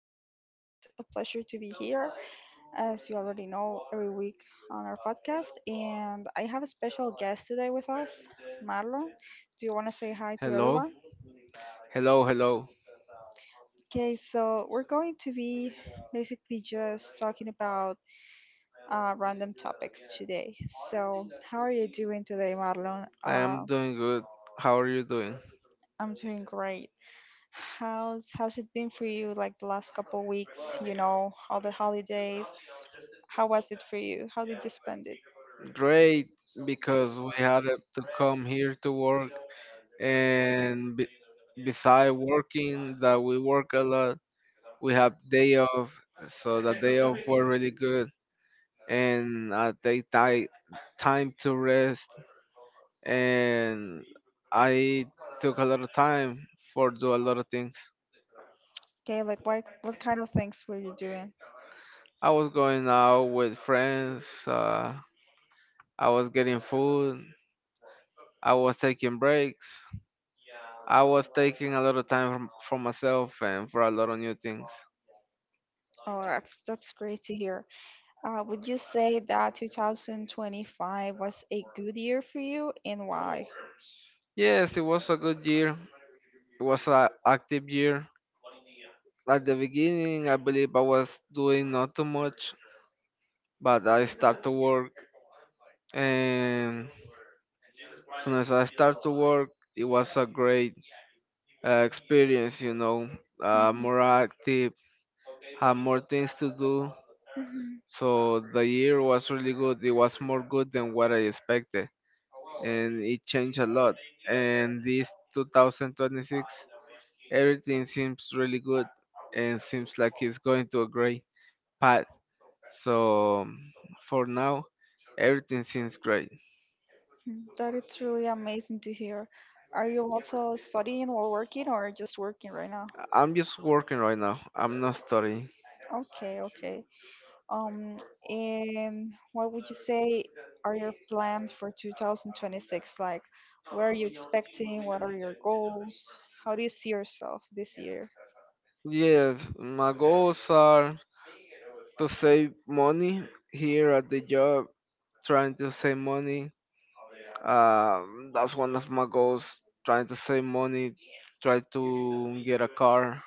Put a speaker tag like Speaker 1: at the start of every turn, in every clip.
Speaker 1: guys. It's a pleasure to be here. As you already know, every week on our podcast. And I have a special guest today with us, Marlon. Do you want to say hi to
Speaker 2: Hello,
Speaker 1: everyone?
Speaker 2: hello, hello.
Speaker 1: Okay, so we're going to be basically just talking about random topics today. So, how are you doing today, Marlon?
Speaker 2: I am doing good. How are you doing?
Speaker 1: I'm doing great. How's it been for you like the last couple weeks, you know, all the holidays? How was it for you? How did you spend it?
Speaker 2: Great, because we had to come here to work, and be beside working, that we work a lot, we have day off, so the day off were really good, and I take time to rest, and I took a lot of time for do a lot of things.
Speaker 1: Okay, like what kind of things were you doing?
Speaker 2: I was going out with friends. I was getting food. I was taking breaks. I was taking a lot of time from, for myself and for a lot of new things.
Speaker 1: Oh, that's great to hear. Would you say that 2025 was a good year for you and why?
Speaker 2: Yes, it was a good year. It was an active year. At the beginning, I believe I was doing not too much, but I start to work, and as soon as I start to work, it was a great experience.
Speaker 1: Mhm.
Speaker 2: More active, have more things to do.
Speaker 1: Mhm,
Speaker 2: So the year was really good. It was more good than what I expected, and it changed a lot. And this 2026, everything seems really good, and seems like it's going to a great path. So for now, everything seems great.
Speaker 1: mhm. That it's really amazing to hear. Are you also studying while working or just working right now?
Speaker 2: I'm just working right now. I'm not studying.
Speaker 1: Okay, okay. Um, and what would you say are your plans for 2026? Like, what are you expecting? What are your goals? How do you see yourself this year?
Speaker 2: Yes, my goals are to save money here at the job trying to save money. That's one of my goals. Trying to save money, try to get a car.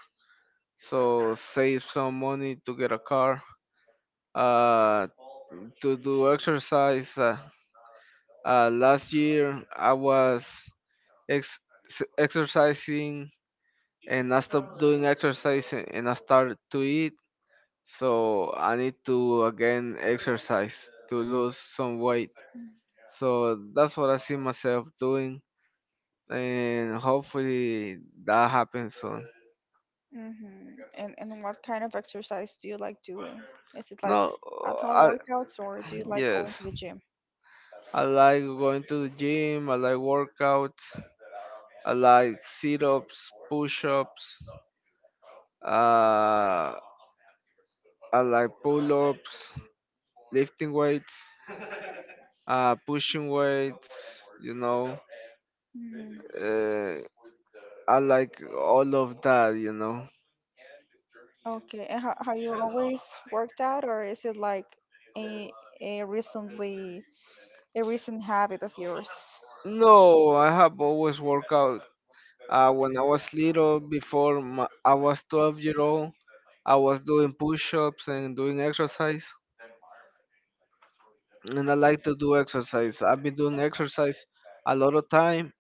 Speaker 2: So save some money to get a car. Uh, to do exercise. Last year I was ex- exercising and I stopped doing exercise and I started to eat. So I need to again exercise to lose some weight. So that's what I see myself doing, and hopefully that happens soon.
Speaker 1: Mm-hmm. And what kind of exercise do you like doing? Is it like
Speaker 2: No,
Speaker 1: at home
Speaker 2: I
Speaker 1: workouts or do you like
Speaker 2: yes,
Speaker 1: going to the gym?
Speaker 2: I like going to the gym. I like workouts. I like sit-ups, push-ups. Uh, I like pull-ups, lifting weights. Pushing weights.
Speaker 1: Mm.
Speaker 2: Uh, I like all of that.
Speaker 1: Okay, and how you always worked out, or is it like a, a recently a recent habit of yours?
Speaker 2: No, I have always worked out. When I was little, before my, I was 12-year-old, I was doing push-ups and doing exercise. And I like to do exercise. I've been doing exercise a lot of time,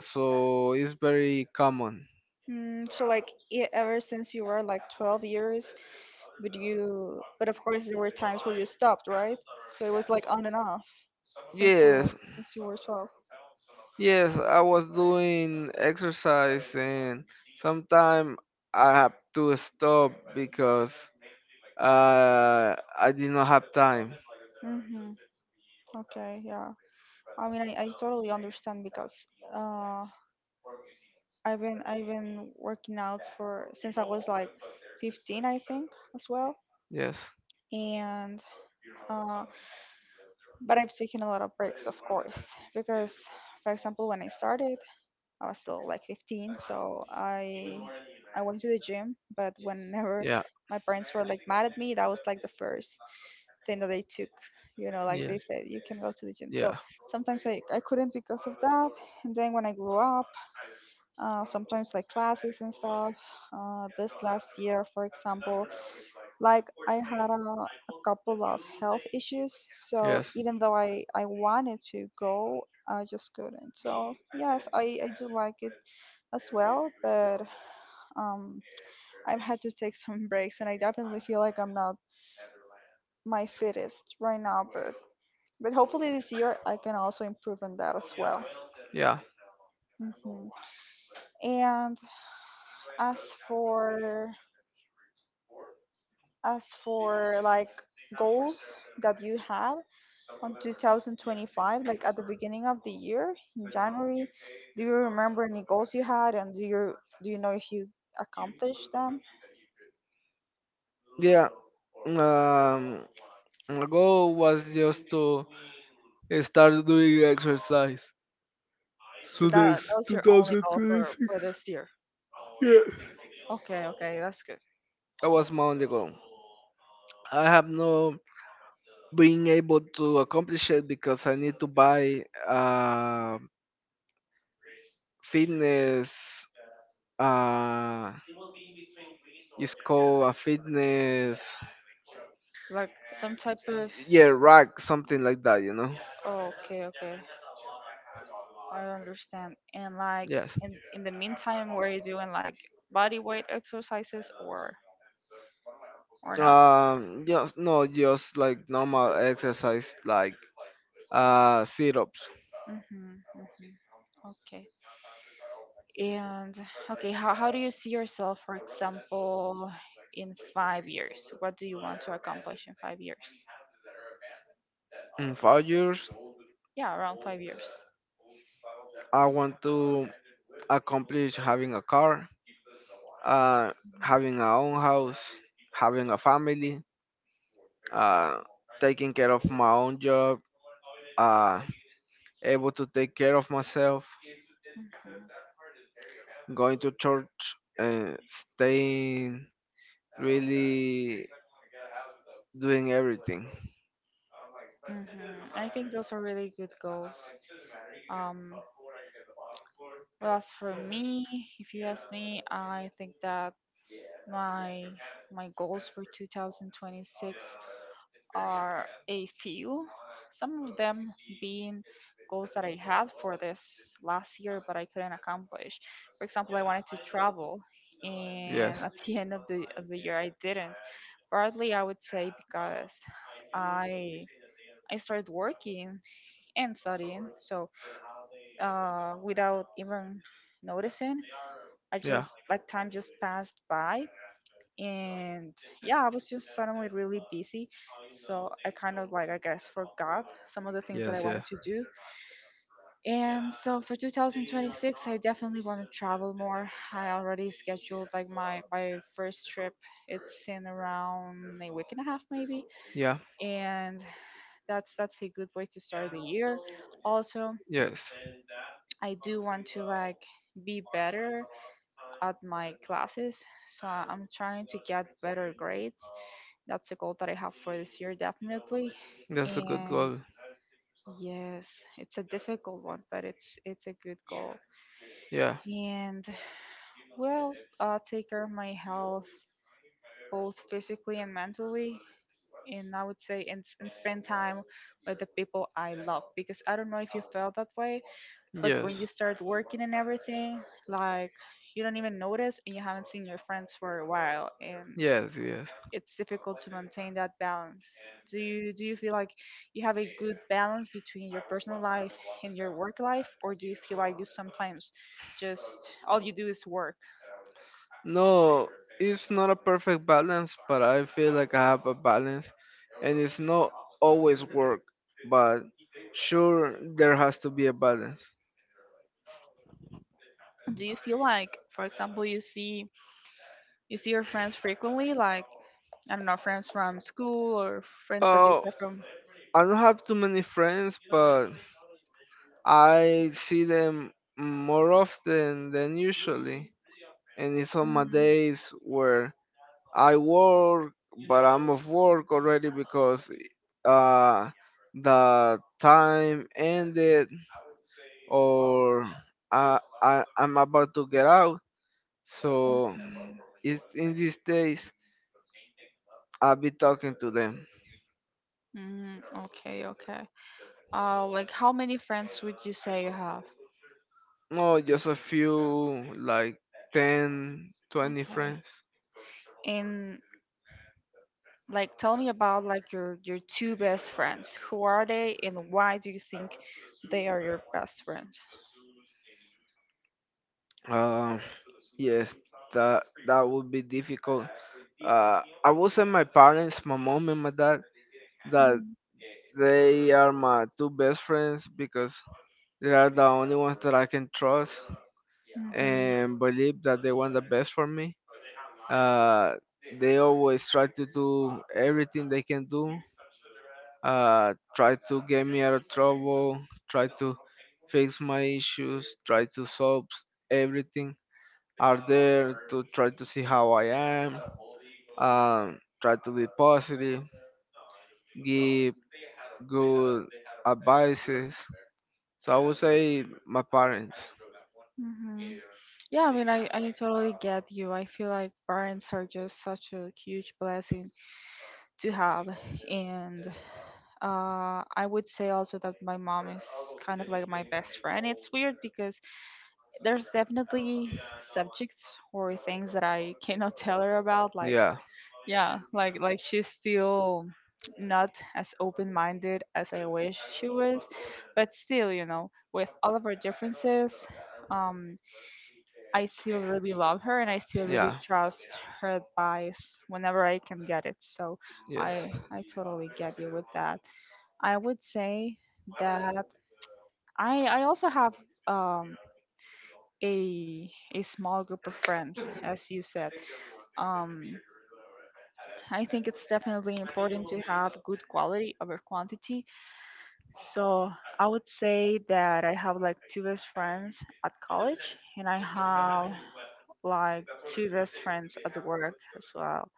Speaker 2: so it's very common.
Speaker 1: Mm, so like ever since you were like 12 years, would you? But of course, there were times where you stopped, right? So it was like on and off since you
Speaker 2: Yes.
Speaker 1: since you were 12.
Speaker 2: Yes, I was doing exercise and sometime I have to stop because I did not have time.
Speaker 1: Mm-hmm. Okay, yeah. I mean, I totally understand because uh, I've been working out for since I was like 15, I think, as well.
Speaker 2: Yes.
Speaker 1: And uh, but I've taken a lot of breaks, of course, because for example, when I started, I was still like 15, so I went to the gym, but whenever
Speaker 2: Yeah.
Speaker 1: my parents were like mad at me, that was like the first thing that they took. You know, like they
Speaker 2: Yes.
Speaker 1: said, you can go to the gym. So
Speaker 2: Yeah.
Speaker 1: sometimes I couldn't because of that. And then when I grew up, sometimes like classes and stuff. This last year, for example, like I had a couple of health issues, so
Speaker 2: Yes.
Speaker 1: even though I wanted to go, I just couldn't. So yes, I do like it as well, but um, I've had to take some breaks, and I definitely feel like I'm not my fittest right now, but hopefully this year I can also improve on that as well.
Speaker 2: Yeah.
Speaker 1: hmm And as for as for like goals that you have on 2025, like at the beginning of the year in January, do you remember any goals you had and do you know if you accomplished them?
Speaker 2: Yeah. Um, my goal was just to start doing exercise.
Speaker 1: So
Speaker 2: So
Speaker 1: that
Speaker 2: this
Speaker 1: was your only goal for
Speaker 2: 2026.
Speaker 1: this year.
Speaker 2: Yeah,
Speaker 1: Okay, okay, that's good.
Speaker 2: that was my only goal. I have no being able to accomplish it because I need to buy fitness uh it's called a fitness
Speaker 1: Like some type of.
Speaker 2: yeah, rock, something like that, you know?
Speaker 1: Okay, okay, I understand. And like
Speaker 2: Yes.
Speaker 1: in the meantime, were you doing like body weight exercises or? Or not?
Speaker 2: Yes, no, just like normal exercise, like sit ups.
Speaker 1: hmm hmm Okay. And okay, how do you see yourself, for example, in 5 years? What do you want to accomplish in 5 years?
Speaker 2: In 5 years,
Speaker 1: Yeah, around 5 years.
Speaker 2: I want to accomplish having a car, uh,
Speaker 1: Mhm.
Speaker 2: having a own house, having a family, uh, taking care of my own job, uh, able to take care of myself, going to church and staying really doing everything.
Speaker 1: Mhm. Mhm. I think those are really good goals. Um, well, as for me, if you ask me, I think that My my goals for 2026 are a few. Some of them being goals that I had for this last year, but I couldn't accomplish. For example, I wanted to travel, and
Speaker 2: Yes.
Speaker 1: at the end of the year, I didn't. Partly, I would say because I I started working and studying, so without even noticing, I
Speaker 2: Yeah.
Speaker 1: just like time just passed by and yeah, I was just suddenly really busy. So I kind of like I guess forgot some of the things that I
Speaker 2: Yes. Yeah.
Speaker 1: wanted to do. And so for 2026, I definitely want to travel more. I already scheduled like my first trip. It's in around a week and a half maybe,
Speaker 2: Yeah.
Speaker 1: and that's a good way to start the year. Also,
Speaker 2: Yes.
Speaker 1: I do want to like be better at my classes, so I'm trying to get better grades. That's a goal that I have for this year, definitely.
Speaker 2: That's a good
Speaker 1: And
Speaker 2: goal.
Speaker 1: yes, it's a difficult one, but it's a good goal.
Speaker 2: Yeah.
Speaker 1: And well, take care of my health, both physically and mentally and I would say and spend time with the people I love because I don't know if you felt that way, but
Speaker 2: Yes.
Speaker 1: when you start working and everything, like you don't even notice and you haven't seen your friends for a while and
Speaker 2: Yes. Yes.
Speaker 1: it's difficult to maintain that balance. Do you feel like you have a good balance between your personal life and your work life or do you feel like you sometimes just all you do is work?
Speaker 2: No, it's not a perfect balance, but I feel like I have a balance, and it's not always work, but sure there has to be a balance.
Speaker 1: Do you feel like for example you see your friends frequently like I don't know friends from school or friends that you
Speaker 2: Oh,
Speaker 1: have from.
Speaker 2: I don't have too many friends, but I see them more often than usually, and it's on my
Speaker 1: Mm,
Speaker 2: days where I work, but I'm off work already because uh, the time ended or I'm about to get out. So
Speaker 1: mm.
Speaker 2: it's, in these days, I'll be talking to them.
Speaker 1: Mm, okay, okay. Like how many friends would you say you have?
Speaker 2: No, just a few, like 10 20
Speaker 1: Okay.
Speaker 2: friends.
Speaker 1: And like tell me about like your two best friends. Who are they and why do you think they are your best friends?
Speaker 2: Uh, yes, that would be difficult. I would say my parents, my mom and my dad, that
Speaker 1: Mhm.
Speaker 2: they are my two best friends because they are the only ones that I can trust
Speaker 1: Mhm.
Speaker 2: and believe that they want the best for me. Uh, they always try to do everything they can do. Try to get me out of trouble. Try to fix my issues. Try to solve everything are there to try to see how I am, try to be positive, give good advices. So I would say my parents.
Speaker 1: Mm-hmm. Yeah, I mean, I totally get you. I feel like parents are just such a huge blessing to have and I would say also that my mom is kind of like my best friend. It's weird because there's definitely subjects or things that I cannot tell her about. Like,
Speaker 2: Yeah,
Speaker 1: yeah, like she's still not as open-minded as I wish she was, but still, you know, with all of our differences, um, I still really love her and I still really
Speaker 2: yeah,
Speaker 1: trust her advice whenever I can get it. So
Speaker 2: yes.
Speaker 1: I totally get you with that. I would say that I also have um a small group of friends as you said. Um I think it's definitely important to have good quality over quantity. So I would say that I have like two best friends at college, and I have like two best friends at work as well.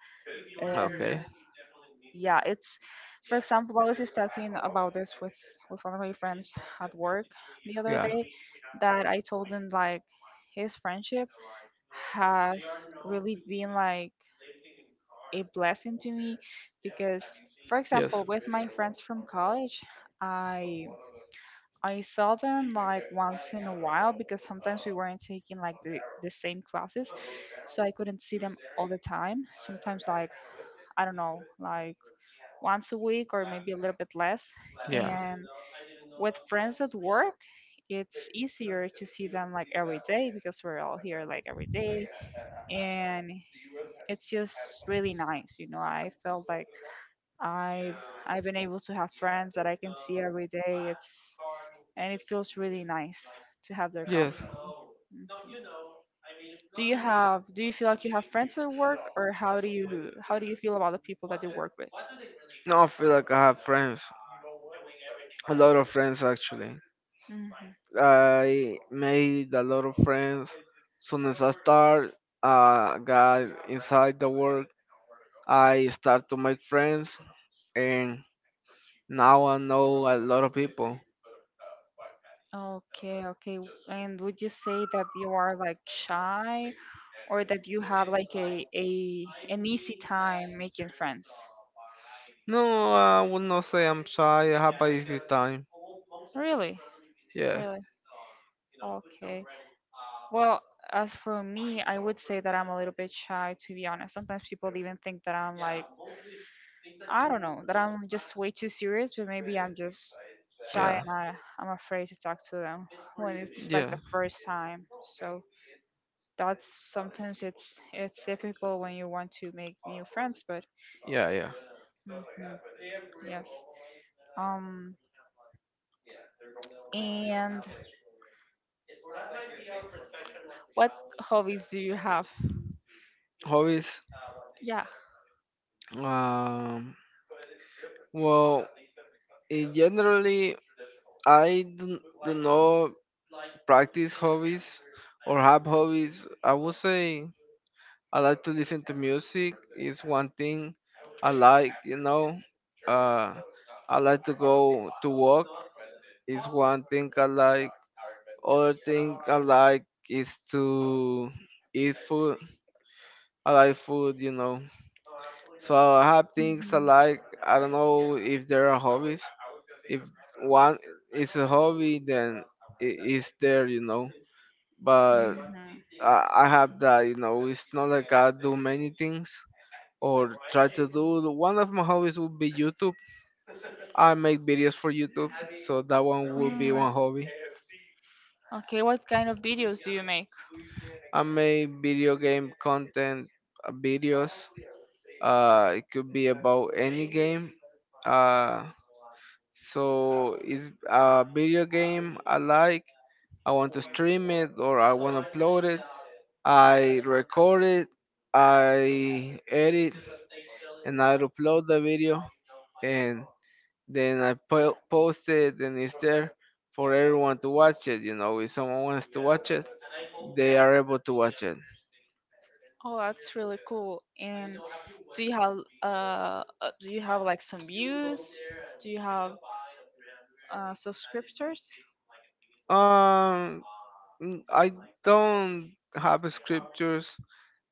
Speaker 1: And
Speaker 2: Okay.
Speaker 1: yeah, it's for example, I was just talking about this with one of my friends at work the other
Speaker 2: Yeah.
Speaker 1: day that I told him like his friendship has really been like a blessing to me because for
Speaker 2: Yes.
Speaker 1: example, with my friends from college, I I saw them like once in a while because sometimes we weren't taking like the same classes. So I couldn't see them all the time. Sometimes like I don't know, like once a week or maybe a little bit less.
Speaker 2: Yeah.
Speaker 1: And with friends at work, it's easier to see them like every day because we're all here like every day and it's just really nice, you know. I felt like I've I've been able to have friends that I can see every day. It's and it feels really nice to have their company.
Speaker 2: Yes.
Speaker 1: Do you have do you feel like you have friends at work or how do you feel about the people that you work with?
Speaker 2: No, I feel like I have friends. A lot of friends actually.
Speaker 1: Mhm.
Speaker 2: I made a lot of friends. Soon as I start, got inside the work. I start to make friends, and now I know a lot of people.
Speaker 1: Okay, okay. And would you say that you are like shy or that you have like a an easy time making friends?
Speaker 2: No, I would not say I'm shy. I have a easy time.
Speaker 1: Really?
Speaker 2: Yeah,
Speaker 1: Really? Okay. Well, as for me, I would say that I'm a little bit shy, to be honest. Sometimes people even think that I'm like, I don't know, that I'm just way too serious, but maybe I'm just shy and I'm afraid to talk to them when it's like
Speaker 2: yeah,
Speaker 1: the first time. So that's sometimes it's difficult when you want to make new friends, but
Speaker 2: yeah, yeah.
Speaker 1: mhm, yes. Um, and what hobbies do you have?
Speaker 2: Hobbies.
Speaker 1: Yeah.
Speaker 2: Um. Well, in generally, I do not practice hobbies or have hobbies. I would say I like to listen to music. Is one thing I like. Uh. I like to go to walk. Is one thing I like. Other thing I like is to eat food. I like food. So I have things I
Speaker 1: Mhm.
Speaker 2: like. I don't know if there are hobbies. If one is a hobby, then it is there. But
Speaker 1: Mhm.
Speaker 2: I have that. It's not like I do many things or try to do. One of my hobbies would be YouTube. I make videos for YouTube, so that one would be
Speaker 1: Mm.
Speaker 2: one hobby.
Speaker 1: Okay, what kind of videos do you make?
Speaker 2: I make video game content videos. It could be about any game. Uh, so it's a video game I like. I want to stream it or I want to upload it. I record it. I edit and I upload the video and then I post it and it's there for everyone to watch it. If someone wants to watch it, they are able to watch it.
Speaker 1: Do you have do you have like some views? Do you have subscribers?
Speaker 2: Um, I don't have scriptures.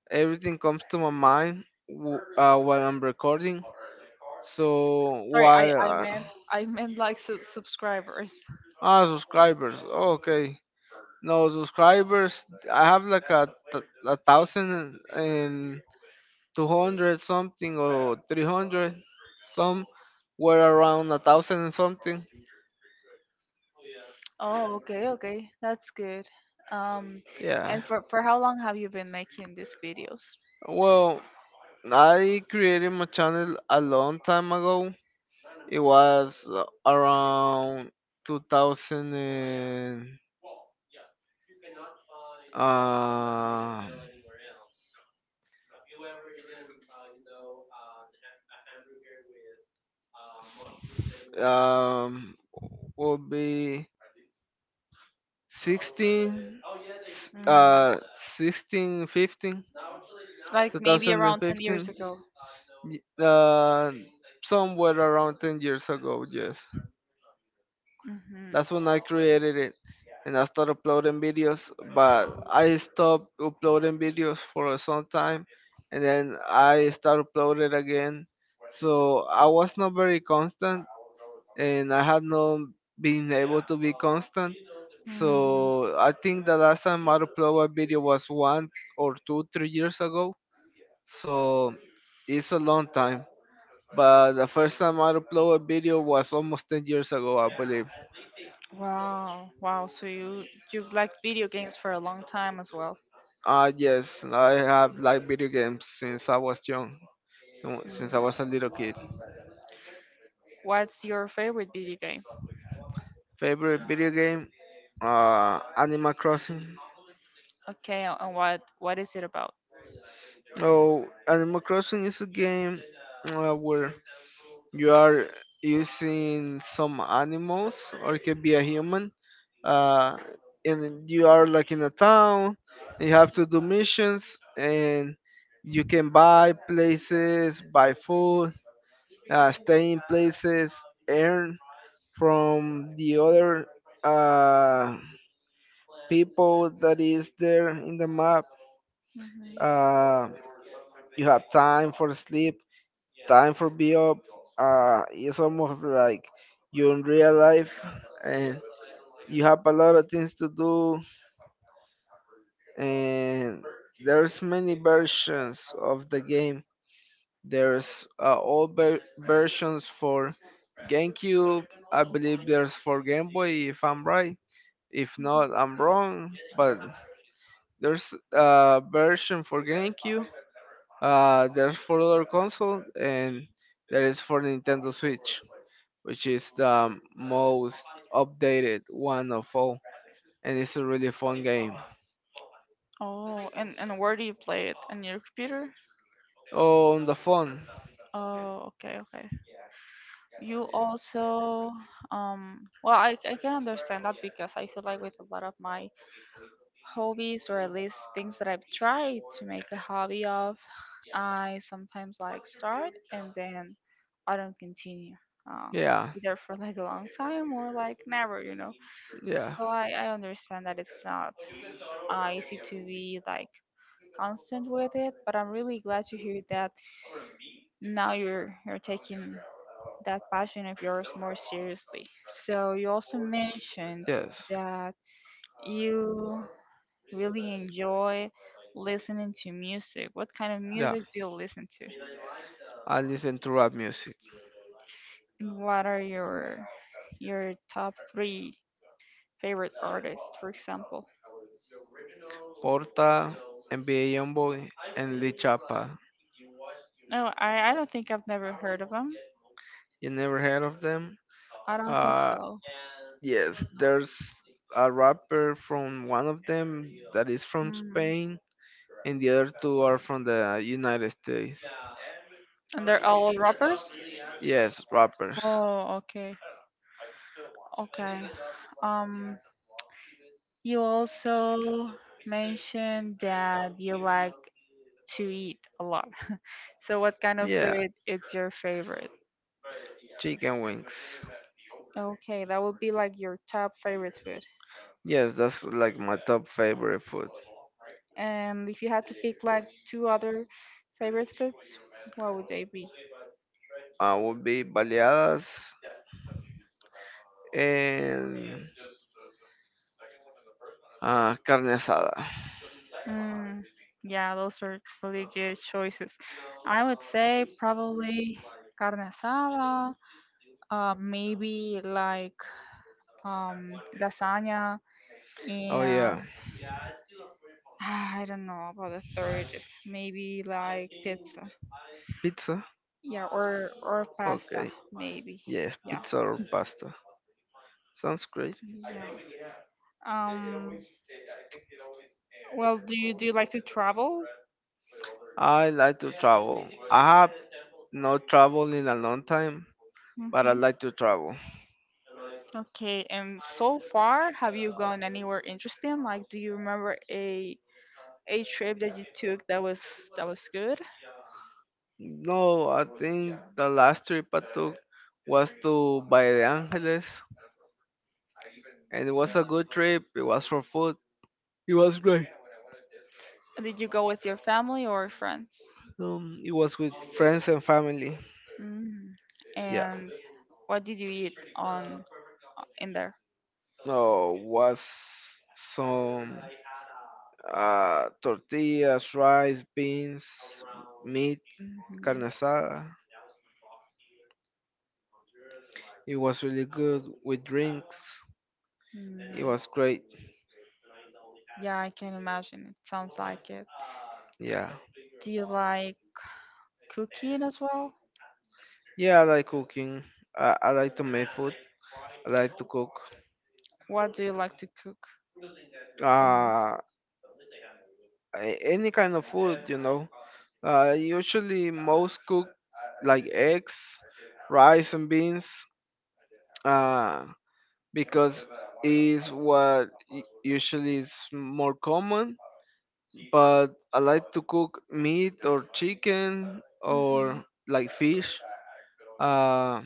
Speaker 2: Everything comes to my mind while I'm recording. So
Speaker 1: Sorry,
Speaker 2: while
Speaker 1: I meant like subscribers.
Speaker 2: ah subscribers, okay, no subscribers. I have like a thousand and 200 something or 300 some were around a thousand and something.
Speaker 1: Oh, okay, okay. That's good. Um
Speaker 2: Yeah,
Speaker 1: and for how long have you been making these videos?
Speaker 2: well, I created my channel a long time ago. It was around 2000 and, uh, um would be 16,
Speaker 1: Mm.
Speaker 2: 16, 15,
Speaker 1: Like
Speaker 2: two
Speaker 1: maybe
Speaker 2: thousand and
Speaker 1: around 10 years
Speaker 2: fifteen,
Speaker 1: ago.
Speaker 2: y- uh, somewhere around 10 years ago, yes. That's when I created it and I started uploading videos, but I stopped uploading videos for some time and then I started uploading again. So I was not very constant and I have not been able to be constant.
Speaker 1: Mhm.
Speaker 2: So I think the last time I uploaded a video was one or two, 3 years ago. So it's a long time. But the first time I uploaded a video was almost 10 years ago, I believe.
Speaker 1: Wow, wow. So you've liked video games for a long time as well.
Speaker 2: Ah, yes, I have liked video games since I was young,
Speaker 1: Mm.
Speaker 2: since I was a little kid.
Speaker 1: What's your favorite video game?
Speaker 2: Favorite video game? Animal Crossing.
Speaker 1: Okay, and what is it about?
Speaker 2: Oh, Animal Crossing is a game where you are using some animals or it could be a human, uh, and you are like in a town, and you have to do missions, and you can buy places, buy food, stay in places, earn from the other uh, people that is there in the map.
Speaker 1: hmm
Speaker 2: uh, you have time for sleep, time for be up. It's almost like you in real life, and you have a lot of things to do, and there's many versions of the game. There's old versions for GameCube. I believe there's for Game Boy if I'm right. If not, I'm wrong. But there's a version for GameCube. There's for other console, and there is for Nintendo Switch, which is the most updated one of all, and it's a really fun game.
Speaker 1: Oh, and where do you play it? On your computer?
Speaker 2: Oh, on the phone,
Speaker 1: Oh, okay, okay. You also well, I can understand that because I feel like with a lot of my hobbies or at least things that I've tried to make a hobby of, I sometimes like start and then I don't continue. Uh,
Speaker 2: yeah,
Speaker 1: Either for like a long time or like never, you know.
Speaker 2: yeah,
Speaker 1: So I understand that it's not easy to be like constant with it, but I'm really glad to hear that now you're taking that passion of yours more seriously. So you also mentioned
Speaker 2: yes,
Speaker 1: that you really enjoy listening to music. What kind of
Speaker 2: yeah.
Speaker 1: music do you listen to?
Speaker 2: I listen to rap music.
Speaker 1: And what are your top three favorite artists, for example?
Speaker 2: Porta, NBA Youngboy, and Lee Chapa.
Speaker 1: No, I don't think I've never heard of them.
Speaker 2: You never heard of them?
Speaker 1: I don't think
Speaker 2: Uh,
Speaker 1: so.
Speaker 2: yes, there's a rapper from one of them that is from
Speaker 1: Mm.
Speaker 2: Spain, and the other two are from the United States.
Speaker 1: And they're all rappers?
Speaker 2: Yes, rappers.
Speaker 1: Oh, okay. Okay. Um, you also mentioned that you like to eat a lot. So what kind of
Speaker 2: Yeah,
Speaker 1: food is your favorite?
Speaker 2: chicken wings.
Speaker 1: Okay, that would be like your top favorite food.
Speaker 2: Yes, that's like my top favorite food.
Speaker 1: And if you had to pick like two other favorite foods, what would they be?
Speaker 2: Would be baleadas, and carne asada.
Speaker 1: Mm, yeah, those are really good choices. I would say probably carne asada, maybe like lasagna,
Speaker 2: Oh
Speaker 1: and
Speaker 2: yeah,
Speaker 1: I don't know about the third. Maybe like pizza.
Speaker 2: pizza.
Speaker 1: Yeah, or pasta,
Speaker 2: Okay,
Speaker 1: maybe.
Speaker 2: yes,
Speaker 1: Yeah,
Speaker 2: pizza or pasta. Sounds great.
Speaker 1: yeah. Um, well, do you like to travel?
Speaker 2: I like to travel. I have not traveled in a long time, but I
Speaker 1: Hmm.
Speaker 2: like to travel.
Speaker 1: Okay, and so far, have you gone anywhere interesting? Like, do you remember a trip that you took that was good?
Speaker 2: No, I think the last trip I took was to Valle de Angeles, and it was a good trip. It was for food. It was great.
Speaker 1: Did you go with your family or friends?
Speaker 2: It was with friends and family.
Speaker 1: Mm.
Speaker 2: Yeah.
Speaker 1: And what did you eat on in there?
Speaker 2: No, was some tortillas, rice, beans, meat, carne
Speaker 1: Mhm.
Speaker 2: asada. It was really good with drinks. It
Speaker 1: Mm.
Speaker 2: was great.
Speaker 1: Yeah, I can imagine. It sounds like it.
Speaker 2: Yeah.
Speaker 1: Do you like cooking as well?
Speaker 2: Yeah, I like cooking. I like to make food. I like to cook.
Speaker 1: What do you like to cook the most?
Speaker 2: Uh, any kind of food, you know. Usually most cook like eggs, rice and beans, uh, because is what usually is more common. But I like to cook meat or chicken or
Speaker 1: Mhm,
Speaker 2: like fish. Uh,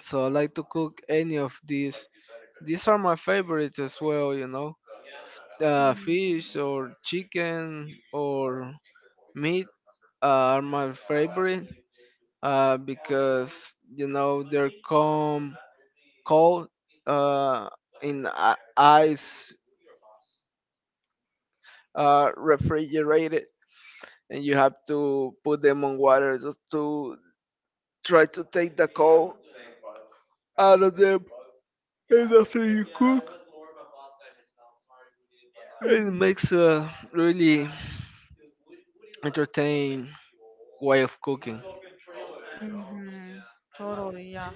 Speaker 2: so I like to cook any of these. These are my favorites as well.
Speaker 1: mhm,
Speaker 2: Fish or chicken or meat are my favorite because they're calm, cold, uh, in ice, refrigerated, and you have to put them on water just to try to take the cold out of them. And after you cook, it
Speaker 1: mhm,
Speaker 2: makes a really entertaining way of cooking.
Speaker 1: mhm. Totally, yeah.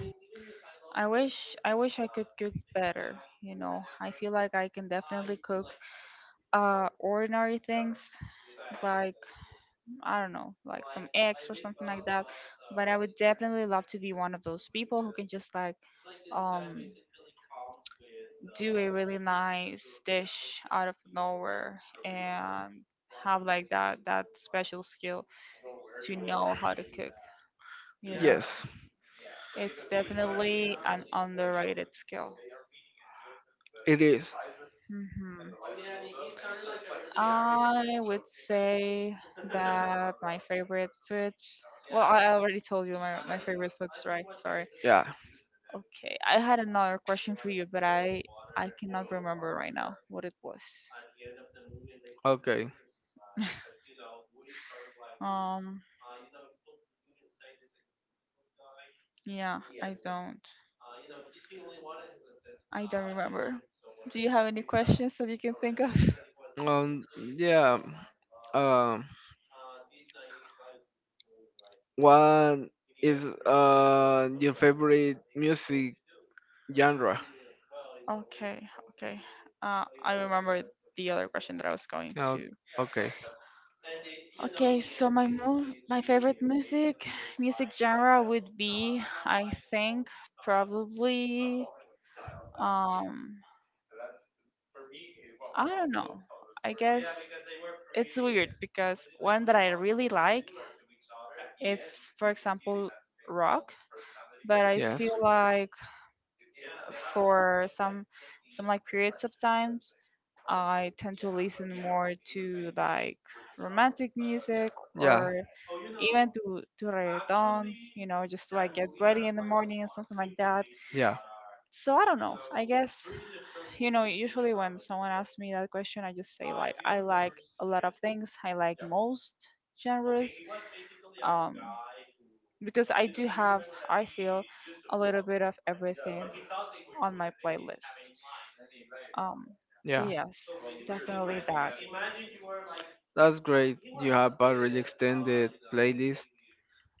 Speaker 1: I wish I could cook better, you know. I feel like I can definitely cook, ordinary things like I don't know, like some eggs or something like that. But I would definitely love to be one of those people who can just like um do a really nice dish out of nowhere and have like that special skill to know how to cook, you know.
Speaker 2: Yes.
Speaker 1: It's definitely an underrated skill.
Speaker 2: It is.
Speaker 1: Hmm. I would say that my favorite foods. Well, I already told you my favorite foods, right? Sorry.
Speaker 2: Yeah.
Speaker 1: Okay, I had another question for you, but I cannot remember right now what it was.
Speaker 2: Okay.
Speaker 1: Um, yeah, I don't. I don't remember. Do you have any questions that you can think of?
Speaker 2: Yeah. Um. What is your favorite music genre?
Speaker 1: Okay, okay. I remember the other question that I was going
Speaker 2: Oh,
Speaker 1: to.
Speaker 2: okay.
Speaker 1: Okay, so my favorite music genre would be, I think, probably um, I don't know. I guess it's weird because one that I really like it's, for example, rock, but I feel
Speaker 2: Yes.
Speaker 1: like for some like periods of times I tend to listen more to like romantic music
Speaker 2: Yeah.
Speaker 1: or even to reggaeton, you know, just so I get ready in the morning or something like that.
Speaker 2: Yeah.
Speaker 1: So I don't know, I guess, you know, usually when someone asks me that question I just say like I like a lot of things, I like most genres, um, because I do have, I feel, a little bit of everything on my playlist. Um, so,
Speaker 2: Yeah.
Speaker 1: yes, definitely that.
Speaker 2: That's great. You have a really extended playlist.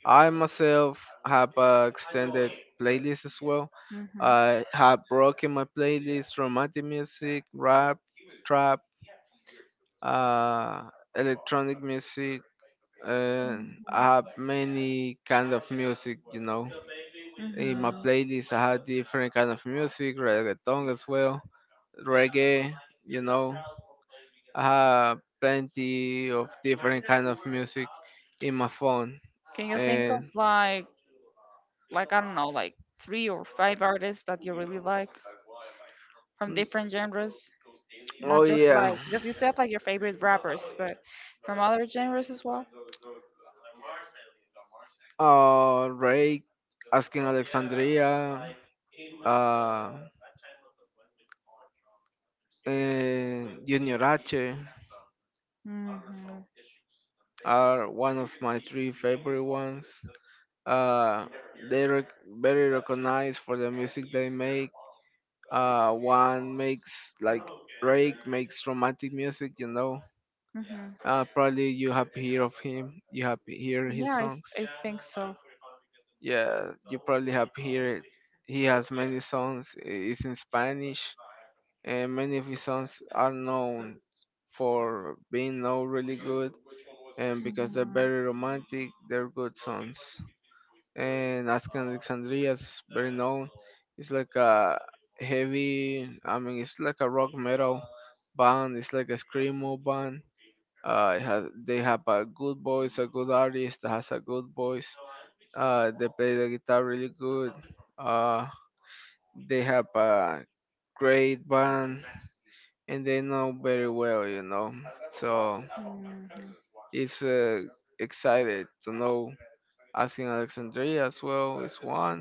Speaker 2: I myself have a extended playlist as well.
Speaker 1: Hmm.
Speaker 2: I have broken my playlist romantic music, rap, trap, uh, electronic music, and I have many kind of music. You know, in my
Speaker 1: Hmm.
Speaker 2: playlist I have different kind of music, reggaeton as well reggae, you know. I have plenty of different kind of music in my phone.
Speaker 1: Can you think of
Speaker 2: And
Speaker 1: like I don't know, like three or five artists that you really like from
Speaker 2: mm,
Speaker 1: different genres?
Speaker 2: oh
Speaker 1: Not just like
Speaker 2: yeah,
Speaker 1: because you said like your favorite rappers, but from other genres as well.
Speaker 2: Ray, Asking Alexandria, uh, and Junior H
Speaker 1: Mm-hmm.
Speaker 2: are one of my three favorite ones. Uh, they are very recognized for the music they make. One makes like Drake makes romantic music, you know.
Speaker 1: Mm-hmm.
Speaker 2: Probably you have heard of him. You have heard his
Speaker 1: Yeah,
Speaker 2: songs.
Speaker 1: I think so.
Speaker 2: Yeah, you probably have heard. He has many songs. It's in Spanish, and many of his songs are known for being now really good, and because they're
Speaker 1: Mm-hmm.
Speaker 2: very romantic, they're good songs. And Asking Alexandria is very known. It's like a heavy. I mean, it's like a rock metal band. It's like a screamo band. They have a good voice, a good artist that has a good voice. They play the guitar really good. Uh, they have a great band, and they know very well, you know. So
Speaker 1: Mm-hmm.
Speaker 2: it's excited to know. Asking Alexandria as well is one,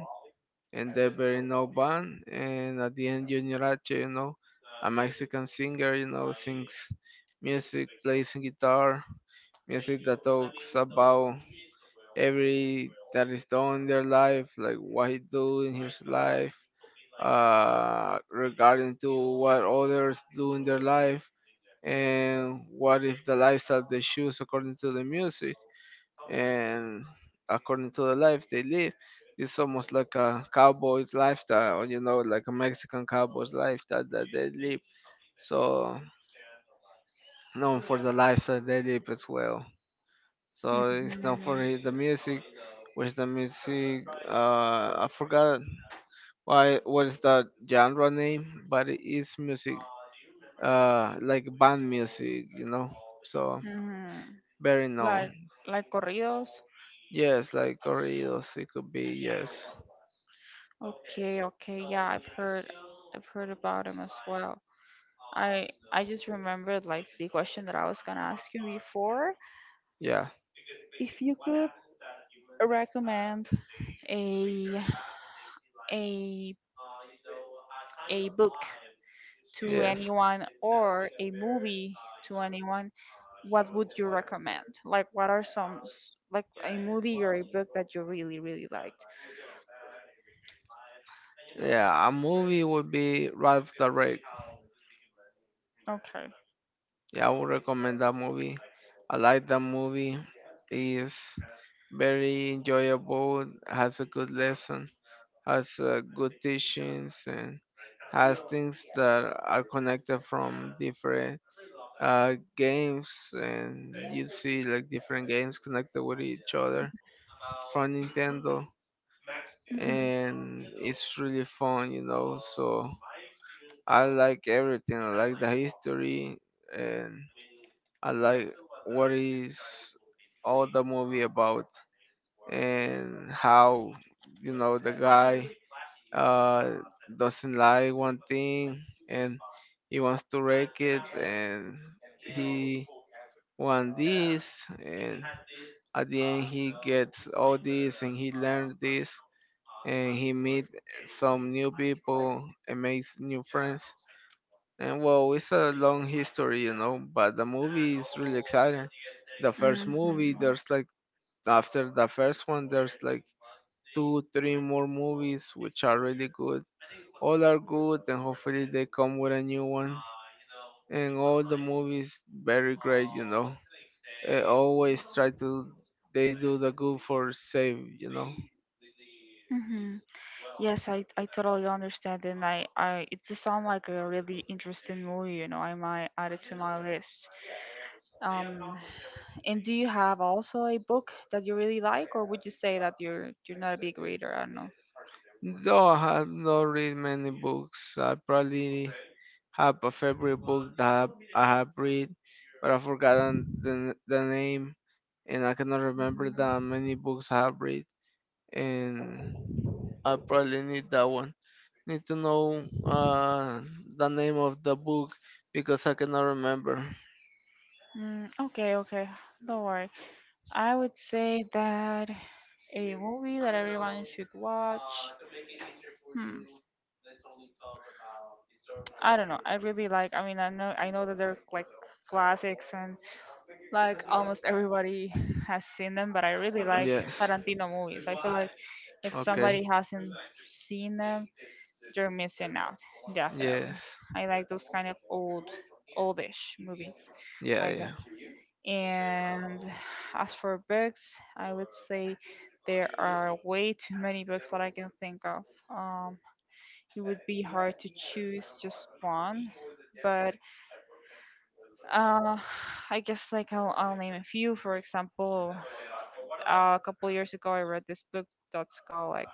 Speaker 2: and they're very no band. And at the end, Junior H, you know, a Mexican singer, you know, sings music, plays guitar, music that talks about every that is done in their life, like what he do in his life, regarding to what others do in their life, and what is the lifestyle they choose according to the music and according to the life they live. It's almost like a cowboy's lifestyle, or you know, like a Mexican cowboy's lifestyle that they live. So known for the lifestyle they live as well. So it's
Speaker 1: Mm-hmm.
Speaker 2: known for the music. Where's the music? I forgot why. What is that genre name? But it is music, like band music, you know. So
Speaker 1: Mhm.
Speaker 2: very known.
Speaker 1: Like like corridos.
Speaker 2: Yes, like corridos. It could be yes,
Speaker 1: Okay, okay, yeah, I've heard about him as well. I just remembered like the question that I was gonna ask you before.
Speaker 2: yeah,
Speaker 1: If you could recommend a a a book to
Speaker 2: yes,
Speaker 1: anyone or a movie to anyone, what would you recommend? Like, what are like a movie or a book that you really really liked?
Speaker 2: yeah. A movie would be Ralph the Wreck.
Speaker 1: Okay.
Speaker 2: Yeah, I would recommend that movie. I like that movie. It's very enjoyable, has a good lesson, has good teachings, and has things that are connected from different games. And you see like different games connected with each other from Nintendo,
Speaker 1: Mhm.
Speaker 2: and it's really fun, you know. So I like everything. I like the history and I like what is all the movie about and how you know the guy uh doesn't like one thing and he wants to wreck it and he want this and at the end he gets all this and he learned this and he meet some new people and makes new friends. And well, it's a long history, you know, but the movie is really exciting. The first
Speaker 1: Mhm.
Speaker 2: movie, there's like after the first one, there's like two, three more movies which are really good. All are good, and hopefully they come with a new one. And all the movies very great, you know. They always try to they do the good for save, you know.
Speaker 1: Hmm. Yes, I totally understand, and I it does sound like a really interesting movie. You know, I might add it to my list. Um, and do you have also a book that you really like, or would you say that you're not a big reader? I don't know.
Speaker 2: Though I have not read many books, I probably have a favorite book that I have read, but I've forgotten the name, and I cannot remember
Speaker 1: Mhm.
Speaker 2: that many books I have read, and I probably need that one. Need to know the name of the book because I cannot remember.
Speaker 1: Mm, okay, okay, don't worry. I would say that a movie that everyone should watch. Hmm. I don't know. I really like. I mean, I know. I know that they're like classics and like almost everybody has seen them. But I really like
Speaker 2: Yes.
Speaker 1: Tarantino movies. I feel like if somebody
Speaker 2: Okay.
Speaker 1: hasn't seen them, you're missing out. Definitely.
Speaker 2: Yes.
Speaker 1: I like those kind of old, oldish movies.
Speaker 2: Yeah.
Speaker 1: I
Speaker 2: Yeah.
Speaker 1: guess. And as for books, I would say there are way too many books that I can think of. Um, it would be hard to choose just one, but uh, I guess like I'll name a few. For example, a couple years ago, I read this book that's called like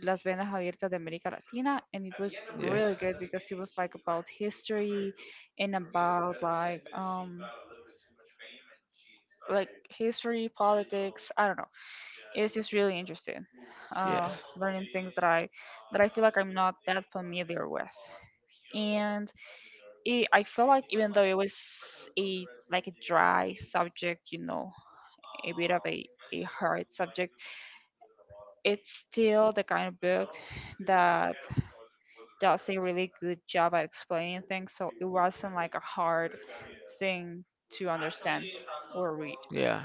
Speaker 1: Las Venas Abiertas de América Latina, and it was
Speaker 2: Yes.
Speaker 1: really good because it was like about history and about like history, politics. I don't know. It's just really interesting.
Speaker 2: Yes.
Speaker 1: Learning things that I feel like I'm not that familiar with, and it, I feel like even though it was a like a dry subject, you know, a bit of a hard subject, it's still the kind of book that does a really good job at explaining things, so it wasn't like a hard thing to understand or read.
Speaker 2: Yeah.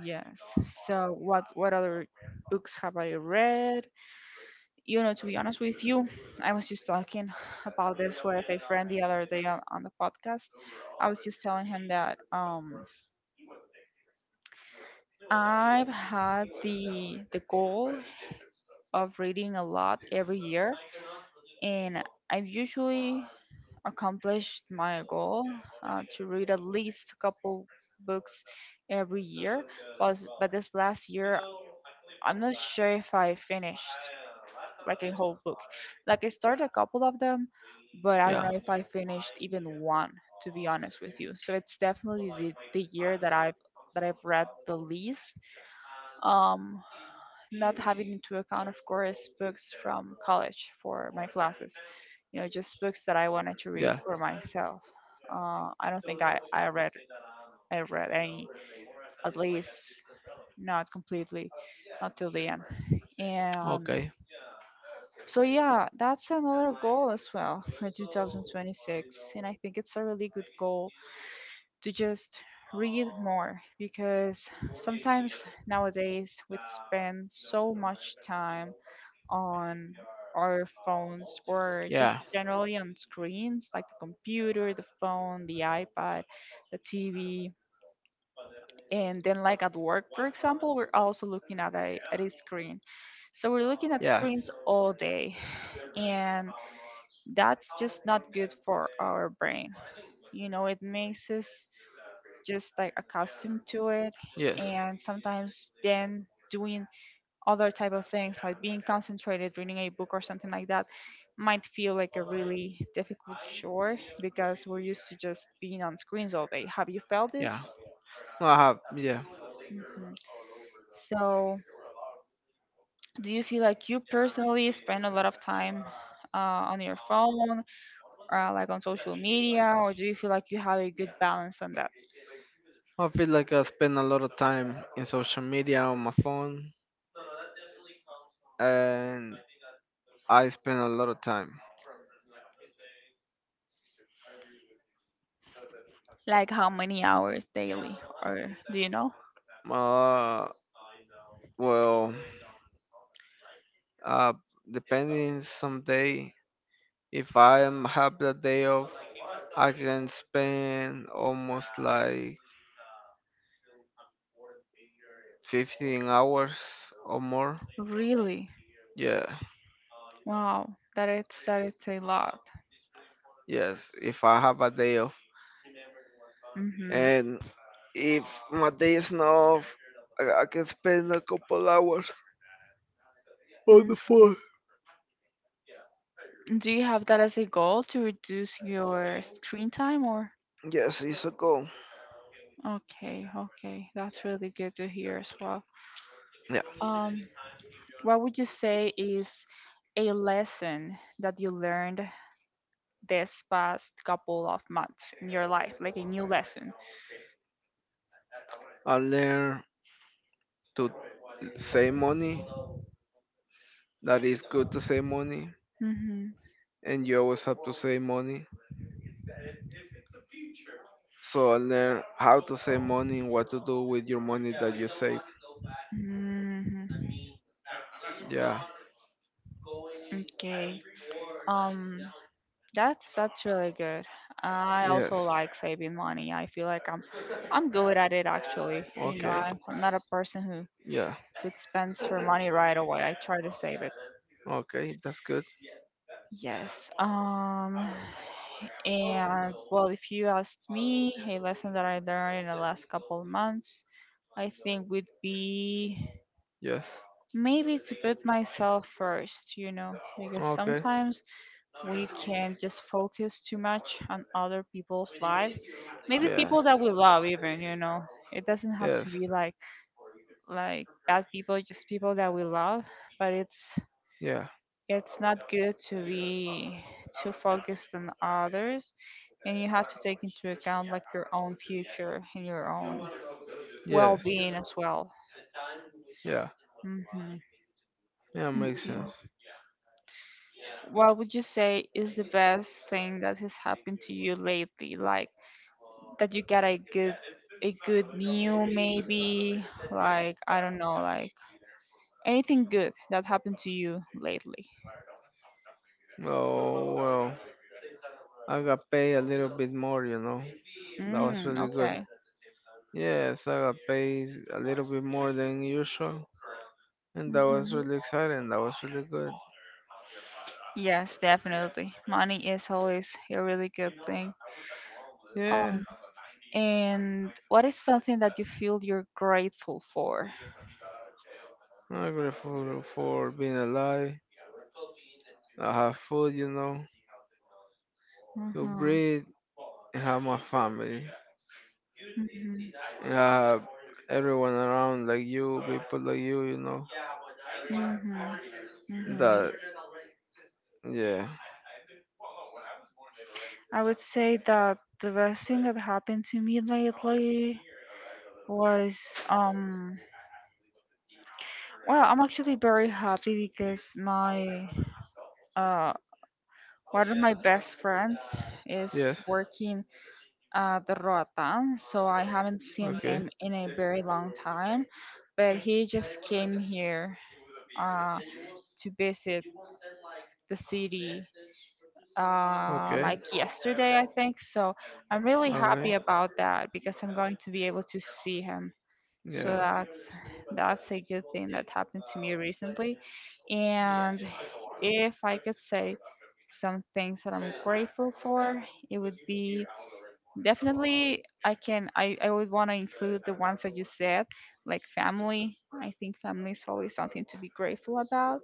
Speaker 1: Yes. So what other books have I read? You know, to be honest with you, I was just talking about this with a friend the other day on the podcast. I was just telling him that I've had the goal of reading a lot every year, and I've usually accomplished my goal to read at least a couple books every year. But this last year, I'm not sure if I finished like a whole book. Like I started a couple of them, but I don't know
Speaker 2: Yeah.
Speaker 1: if I finished even one, to be honest with you. So it's definitely the year that I've read the least. Um, Not having into account, of course, books from college for my classes. You know, just books that I wanted to read
Speaker 2: Yeah.
Speaker 1: for myself. I don't think I read any, at least not completely, not till the end. And
Speaker 2: Okay.
Speaker 1: so yeah, that's another goal as well for 2026, and I think it's a really good goal to just read more, because sometimes nowadays we spend so much time on our phones or just
Speaker 2: Yeah.
Speaker 1: generally on screens like the computer, the phone, the iPad, the TV, and then like at work for example we're also looking at a screen, so we're looking at
Speaker 2: Yeah.
Speaker 1: screens all day, and that's just not good for our brain, you know, it makes us just like accustomed to it,
Speaker 2: Yes.
Speaker 1: and sometimes then doing other type of things like being concentrated reading a book or something like that might feel like a really difficult chore because we're used to just being on screens all day. Have you felt
Speaker 2: Yeah.
Speaker 1: this?
Speaker 2: No, I have. Yeah.
Speaker 1: Mhm. So, do you feel like you personally spend a lot of time uh, on your phone, like on social media, or do you feel like you have a good balance on that?
Speaker 2: I feel like I spend a lot of time in social media on my phone, and I spend a lot of time.
Speaker 1: Like how many hours daily, or do you know?
Speaker 2: Uh, well, uh, depending some day, if I am have that day off, I can spend almost like 15 hours or more.
Speaker 1: Really?
Speaker 2: Yeah.
Speaker 1: Wow, that is a lot.
Speaker 2: Yes. If I have a day off,
Speaker 1: Hmm.
Speaker 2: and if my day is not off, I can spend a couple hours on
Speaker 1: Mm.
Speaker 2: the phone.
Speaker 1: Do you have that as a goal to reduce your screen time, or?
Speaker 2: Yes, it's a goal.
Speaker 1: Okay, okay. That's really good to hear as well.
Speaker 2: Yeah.
Speaker 1: Um, what would you say is a lesson that you learned this past couple of months in your life, like a new lesson?
Speaker 2: I learn to save money. That is good to save money,
Speaker 1: Mm-hmm.
Speaker 2: and you always have to save money. So I learn how to save money and what to do with your money that you save.
Speaker 1: Mm-hmm.
Speaker 2: Yeah.
Speaker 1: Okay. Um, that's really good. I also
Speaker 2: Yes.
Speaker 1: like saving money. I feel like I'm good at it actually. You know,
Speaker 2: Okay.
Speaker 1: I'm not a person who
Speaker 2: Yeah.
Speaker 1: good spends her money right away. I try to save it.
Speaker 2: Okay, that's good.
Speaker 1: Yes. And well if you asked me a lesson that I learned in the last couple of months, I think would be
Speaker 2: Yes.
Speaker 1: maybe to put myself first, you know, because
Speaker 2: Okay.
Speaker 1: sometimes we can just focus too much on other people's lives. Maybe
Speaker 2: Yeah.
Speaker 1: people that we love even, you know. It doesn't have
Speaker 2: Yes.
Speaker 1: to be like bad people, just people that we love, but it's
Speaker 2: Yeah.
Speaker 1: It's not good to be too focused on others, and you have to take into account like your own future and your own
Speaker 2: Yes.
Speaker 1: well-being as well.
Speaker 2: Yeah.
Speaker 1: Hmm.
Speaker 2: Yeah, makes
Speaker 1: Thank you.
Speaker 2: sense.
Speaker 1: What would you say is the best thing that has happened to you lately? Like that you got a good new maybe like I don't know like anything good that happened to you lately.
Speaker 2: Oh well, I got paid a little bit more, you know. That was
Speaker 1: Mm,
Speaker 2: really good.
Speaker 1: okay.
Speaker 2: Yes, I got paid a little bit more than usual, and that was
Speaker 1: Mhm.
Speaker 2: really exciting. That was really good.
Speaker 1: Yes, definitely. Money is always a really good thing.
Speaker 2: Yeah,
Speaker 1: Um, and what is something that you feel you're grateful for?
Speaker 2: I'm grateful for being alive. I have food, you know, to
Speaker 1: Mm-hmm.
Speaker 2: breathe and have my family.
Speaker 1: Mm-hmm.
Speaker 2: Yeah, everyone around like you, people like you know.
Speaker 1: Mm-hmm. Mm-hmm.
Speaker 2: That. Yeah.
Speaker 1: I would say that the best thing that happened to me lately was um well, I'm actually very happy because my uh one of my best friends is
Speaker 2: Yes.
Speaker 1: working at the Roatan, so I haven't seen
Speaker 2: Okay.
Speaker 1: him in a very long time. But he just came here uh, to visit the city
Speaker 2: Okay.
Speaker 1: like yesterday, I think. So I'm really
Speaker 2: All
Speaker 1: happy
Speaker 2: right.
Speaker 1: about that because I'm going to be able to see him.
Speaker 2: Yeah.
Speaker 1: So that's a good thing that happened to me recently. And if I could say some things that I'm grateful for, it would be definitely I would want to include the ones that you said, like family. I think family is always something to be grateful about.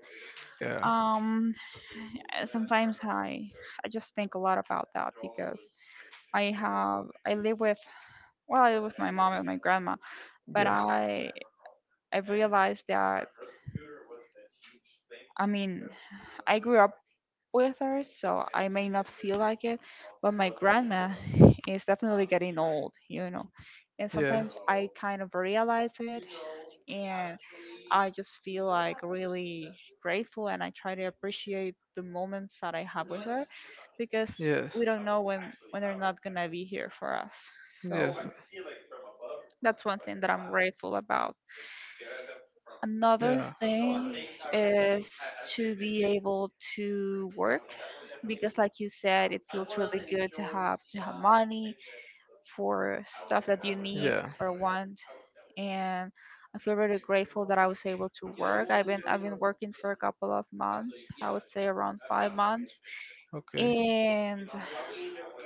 Speaker 2: Yeah.
Speaker 1: Um, Sometimes I just think a lot about that because I live with well I live with my mom and my grandma, but
Speaker 2: Yes.
Speaker 1: I've realized that I mean, I grew up with her, so I may not feel like it, but my grandma is definitely getting old, you know. And
Speaker 2: Yeah.
Speaker 1: sometimes I kind of realize it, and I just feel like really grateful, and I try to appreciate the moments that I have with her because
Speaker 2: Yes.
Speaker 1: we don't know when they're not gonna be here for us.
Speaker 2: Yes.
Speaker 1: So that's one thing that I'm grateful about. Another
Speaker 2: Yeah.
Speaker 1: thing is to be able to work because like you said, it feels really good to have money for stuff that you need
Speaker 2: Yeah.
Speaker 1: or want. And I feel really grateful that I was able to work. I've been working for a couple of months. I would say around 5 months,
Speaker 2: Okay.
Speaker 1: and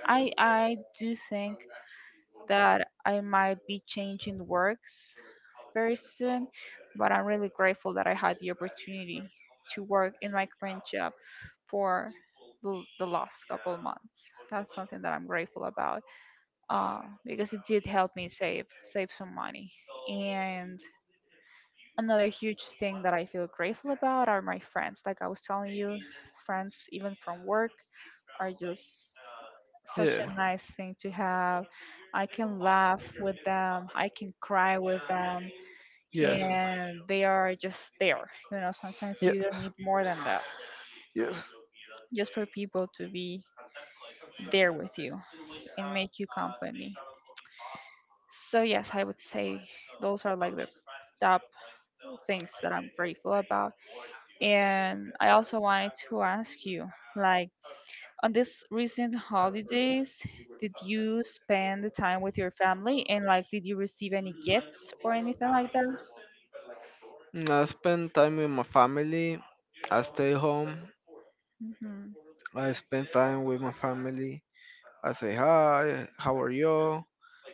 Speaker 1: I do think that I might be changing works very soon, but I'm really grateful that I had the opportunity to work in my current job for the last couple months. That's something that I'm grateful about, because it did help me save some money. And another huge thing that I feel grateful about are my friends, like I was telling you, friends even from work are just such a
Speaker 2: Yeah.
Speaker 1: nice thing to have. I can laugh with them, I can cry with them,
Speaker 2: Yes.
Speaker 1: and they are just there. You know, sometimes you don't
Speaker 2: Yes.
Speaker 1: need more than that,
Speaker 2: Yes.
Speaker 1: just for people to be there with you and make you company. So, yes, I would say those are like the top things that I'm grateful about. And I also wanted to ask you, like, on this recent holidays, did you spend the time with your family and like did you receive any gifts or anything like that?
Speaker 2: Mm, I spend time with my family. I stay home.
Speaker 1: Mm-hmm.
Speaker 2: I
Speaker 1: Hmm.
Speaker 2: spend time with my family. I say hi. How are you?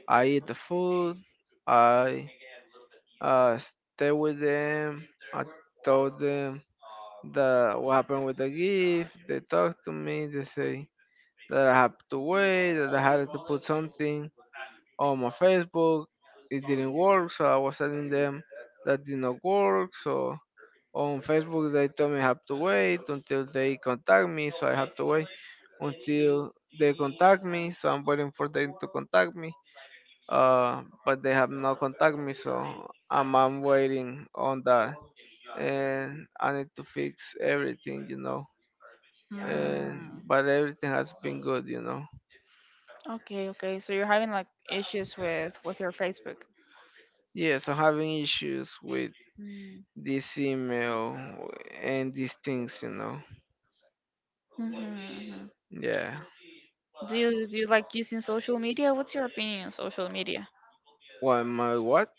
Speaker 2: I eat the food. I uh, stay with them. I told them that what happened with the gift. They talked to me. They say that I have to wait. That I had to put something on my Facebook. It didn't work, so I was telling them that did not work. So on Facebook they told me I have to wait until they contact me. So I have to wait until they contact me. So I'm waiting for them to contact me but they have not contacted me, so I'm waiting on that, and I need to fix everything, you know. And
Speaker 1: Mm.
Speaker 2: but everything has been good, you know.
Speaker 1: Okay, okay. So you're having like issues with your Facebook.
Speaker 2: Yes, I'm having issues with
Speaker 1: Mm.
Speaker 2: this email and these things, you know.
Speaker 1: Mm-hmm.
Speaker 2: Yeah.
Speaker 1: Do you like using social media? What's your opinion on social media?
Speaker 2: What my what?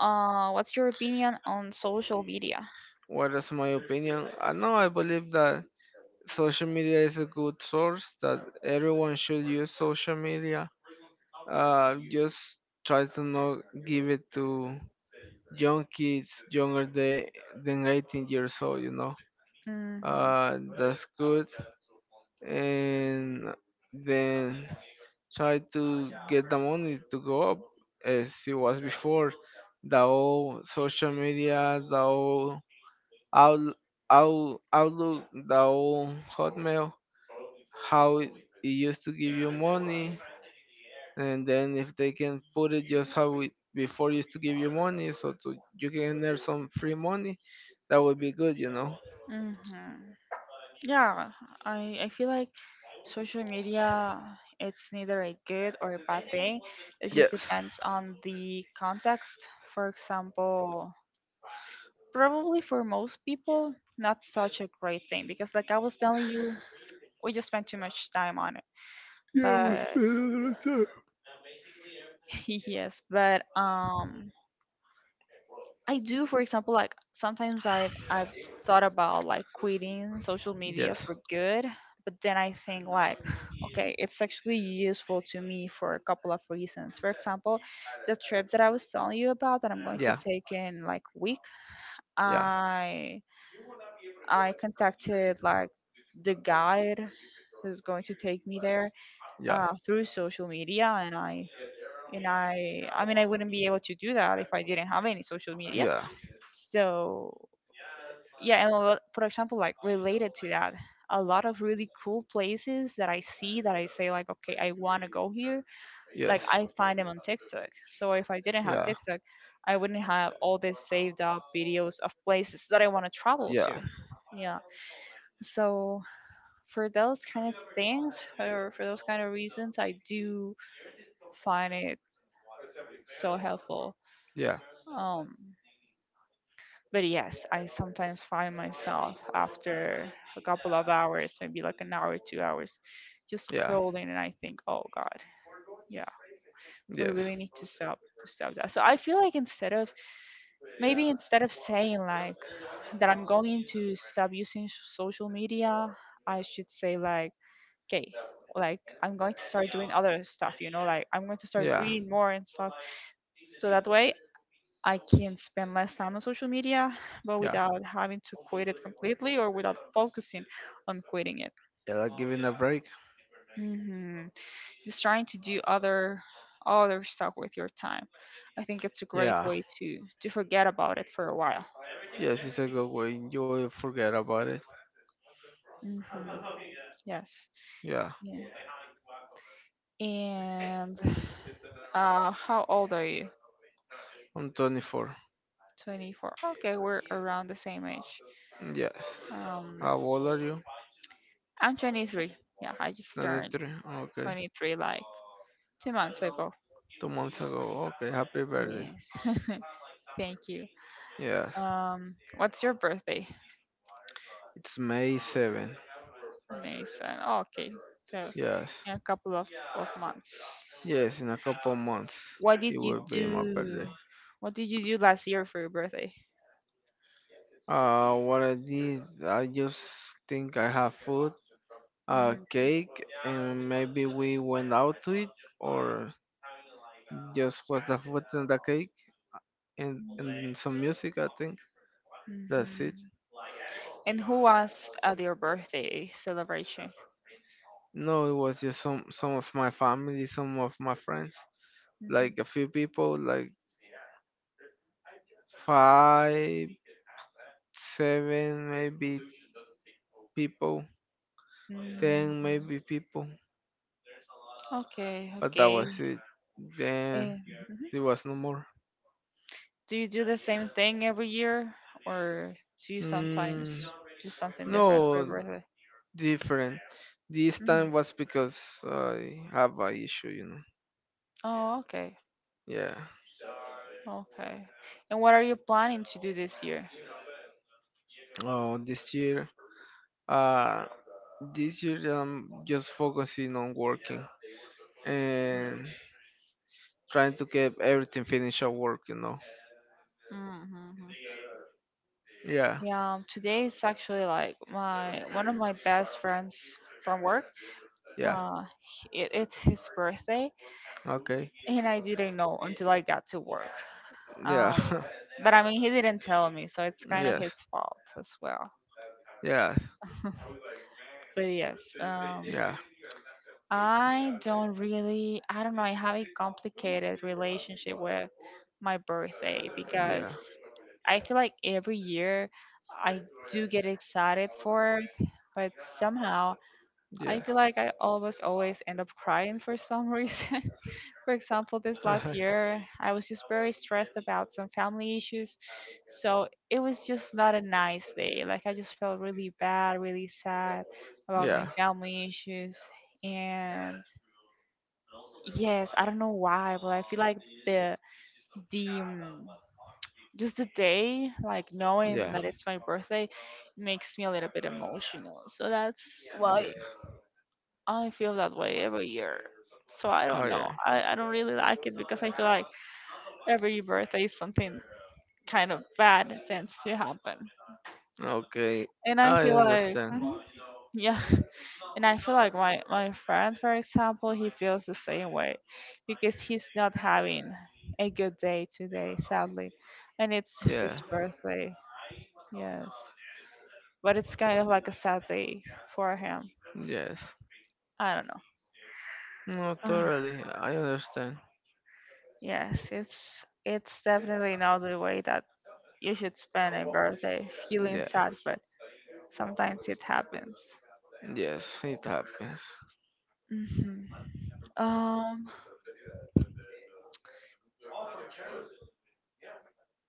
Speaker 1: What's your opinion on social media?
Speaker 2: What is my opinion? I know I believe that social media is a good source that everyone should use social media just try to not give it to young kids younger than 18 years old, you know.
Speaker 1: Hmm.
Speaker 2: That's good, and then try to get the money to go up as it was before the old social media, the old out, outlook, the old hotmail, how it used to give you money, and then if they can put it just how it before used to give you money so to you can earn some free money, that would be good, you know.
Speaker 1: Hmm. Yeah, I feel like social media it's neither a good or a bad thing. It just
Speaker 2: Yes.
Speaker 1: depends on the context. For example, probably for most people, not such a great thing because like I was telling you, we just spent too much time on it.
Speaker 2: Yeah, we
Speaker 1: But
Speaker 2: spend a lot of time.
Speaker 1: yes, but I do, for example, like sometimes I've thought about like quitting social media
Speaker 2: Yes.
Speaker 1: for good, but then I think like, okay, it's actually useful to me for a couple of reasons. For example, the trip that I was telling you about that I'm going to
Speaker 2: Yeah.
Speaker 1: take in like week,
Speaker 2: Yeah.
Speaker 1: I I contacted like the guide who's going to take me there
Speaker 2: Yeah.
Speaker 1: through social media, and I mean I wouldn't be able to do that if I didn't have any social media.
Speaker 2: Yeah.
Speaker 1: So yeah, and a for example, like related to that, a lot of really cool places that I see that I say like, okay, I want to go here. Like
Speaker 2: Yes.
Speaker 1: I find them on TikTok. So if I didn't have
Speaker 2: Yeah.
Speaker 1: TikTok, I wouldn't have all these saved up videos of places that I want to travel to.
Speaker 2: Yeah.
Speaker 1: Yeah. So for those kind of things, or for those kind of reasons, I do find it so helpful.
Speaker 2: Yeah.
Speaker 1: Um, but yes, I sometimes find myself after a couple of hours, maybe like an hour, 2 hours, just
Speaker 2: Yeah.
Speaker 1: scrolling, and I think, oh God, yeah, we
Speaker 2: Yes.
Speaker 1: really need to stop that. So I feel like instead of maybe instead of saying like that I'm going to stop using social media, I should say like okay, like I'm going to start doing other stuff, you know, like I'm going to start
Speaker 2: Yeah.
Speaker 1: reading more and stuff, so that way I can spend less time on social media but
Speaker 2: Yeah.
Speaker 1: without having to quit it completely or without focusing on quitting it.
Speaker 2: Yeah, like giving a break.
Speaker 1: Hmm. Just trying to do other stuff with your time, I think it's a great
Speaker 2: Yeah.
Speaker 1: way to forget about it for a while.
Speaker 2: Yes, it's a good way. You will forget about it.
Speaker 1: Hmm. Yes.
Speaker 2: Yeah.
Speaker 1: Yeah. And how old are you?
Speaker 2: I'm 24.
Speaker 1: 24. Okay, we're around the same age.
Speaker 2: Yes.
Speaker 1: Um,
Speaker 2: How old are you?
Speaker 1: I'm 23. Yeah, I just turned
Speaker 2: 23. Okay.
Speaker 1: 23 like 2 months ago.
Speaker 2: Two months ago. Okay. Happy birthday.
Speaker 1: Yes. Thank you.
Speaker 2: Yes.
Speaker 1: What's your birthday?
Speaker 2: It's May 7.
Speaker 1: Mason. Okay. So
Speaker 2: Yes,
Speaker 1: in a couple of months.
Speaker 2: yes, in a couple months
Speaker 1: What
Speaker 2: it
Speaker 1: did you
Speaker 2: will be my birthday.
Speaker 1: do? What did you do last year for your birthday?
Speaker 2: What I did, I just think I have food, cake, and maybe we went out to eat or just was the food and the cake and some music, I think. That's it.
Speaker 1: And who was at your birthday celebration?
Speaker 2: No, it was just some of my family, some of my friends,
Speaker 1: Mhm.
Speaker 2: like a few people, like five, seven, maybe people,
Speaker 1: Mm,
Speaker 2: ten, maybe people.
Speaker 1: okay,
Speaker 2: But that
Speaker 1: okay.
Speaker 2: was it. Then
Speaker 1: And
Speaker 2: there was no more.
Speaker 1: do you do the same thing every year, or do you sometimes
Speaker 2: Mm,
Speaker 1: do something
Speaker 2: no,
Speaker 1: different for your birthday?
Speaker 2: different. This time was because I have a issue, you know.
Speaker 1: Oh, okay.
Speaker 2: Yeah.
Speaker 1: Okay. And what are you planning to do this year?
Speaker 2: Oh, uh, this year I'm just focusing on working and trying to get everything finished at work, you know.
Speaker 1: Mm-hmm.
Speaker 2: Yeah.
Speaker 1: Yeah, today is actually like my one of my best friends from work.
Speaker 2: Yeah.
Speaker 1: Uh, it's his birthday,
Speaker 2: Okay.
Speaker 1: and I didn't know until I got to work.
Speaker 2: Yeah.
Speaker 1: Um, but I mean, he didn't tell me, so it's kind of
Speaker 2: yes.
Speaker 1: his fault as well.
Speaker 2: Yeah.
Speaker 1: But yes,
Speaker 2: Yeah.
Speaker 1: I don't really, I don't know, I have a complicated relationship with my birthday
Speaker 2: Yeah.
Speaker 1: because
Speaker 2: Yeah.
Speaker 1: I feel like every year I do get excited for it, but somehow I feel like I almost always end up crying for some reason. For example, this last year, I was just very stressed about some family issues. So it was just not a nice day. Like, I just felt really bad, really sad about my
Speaker 2: yeah.
Speaker 1: family issues. And yes, I don't know why, but I feel like the, the, um, just the day, like knowing
Speaker 2: Yeah.
Speaker 1: that it's my birthday, makes me a little bit emotional. So that's
Speaker 2: Yeah.
Speaker 1: why I feel that way every year. So I
Speaker 2: Oh
Speaker 1: don't know.
Speaker 2: yeah.
Speaker 1: I don't really like it because I feel like every birthday something kind of bad tends to happen.
Speaker 2: Okay.
Speaker 1: And I
Speaker 2: I
Speaker 1: feel like,
Speaker 2: understand.
Speaker 1: mhm, yeah. And I feel like my friend, for example, he feels the same way because he's not having a good day today, sadly. And it's
Speaker 2: Yeah.
Speaker 1: his birthday, yes. But it's kind of like a sad day for him.
Speaker 2: Yes.
Speaker 1: I don't
Speaker 2: No,
Speaker 1: know.
Speaker 2: totally. I understand.
Speaker 1: Yes, it's definitely not the way that you should spend a birthday feeling
Speaker 2: Yeah.
Speaker 1: sad, but sometimes it happens.
Speaker 2: Yes, it happens.
Speaker 1: Hmm. Um,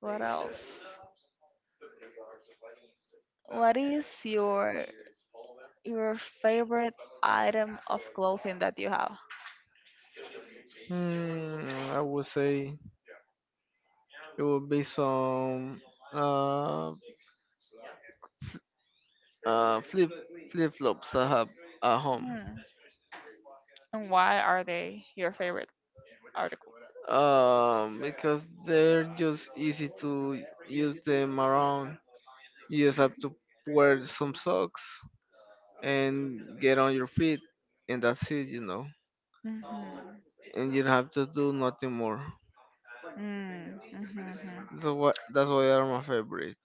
Speaker 1: what else? What is your favorite item of clothing that you have?
Speaker 2: Hmm, I would say it would be some uh uh flip flip flops I have at home.
Speaker 1: Hmm. And why are they your favorite article?
Speaker 2: Because they're just easy to use them around. You just have to wear some socks and get on your feet, and that's it, you know.
Speaker 1: Hmm.
Speaker 2: And you don't have to do nothing more.
Speaker 1: Mm, mhm, mhm.
Speaker 2: That's why are my favorite.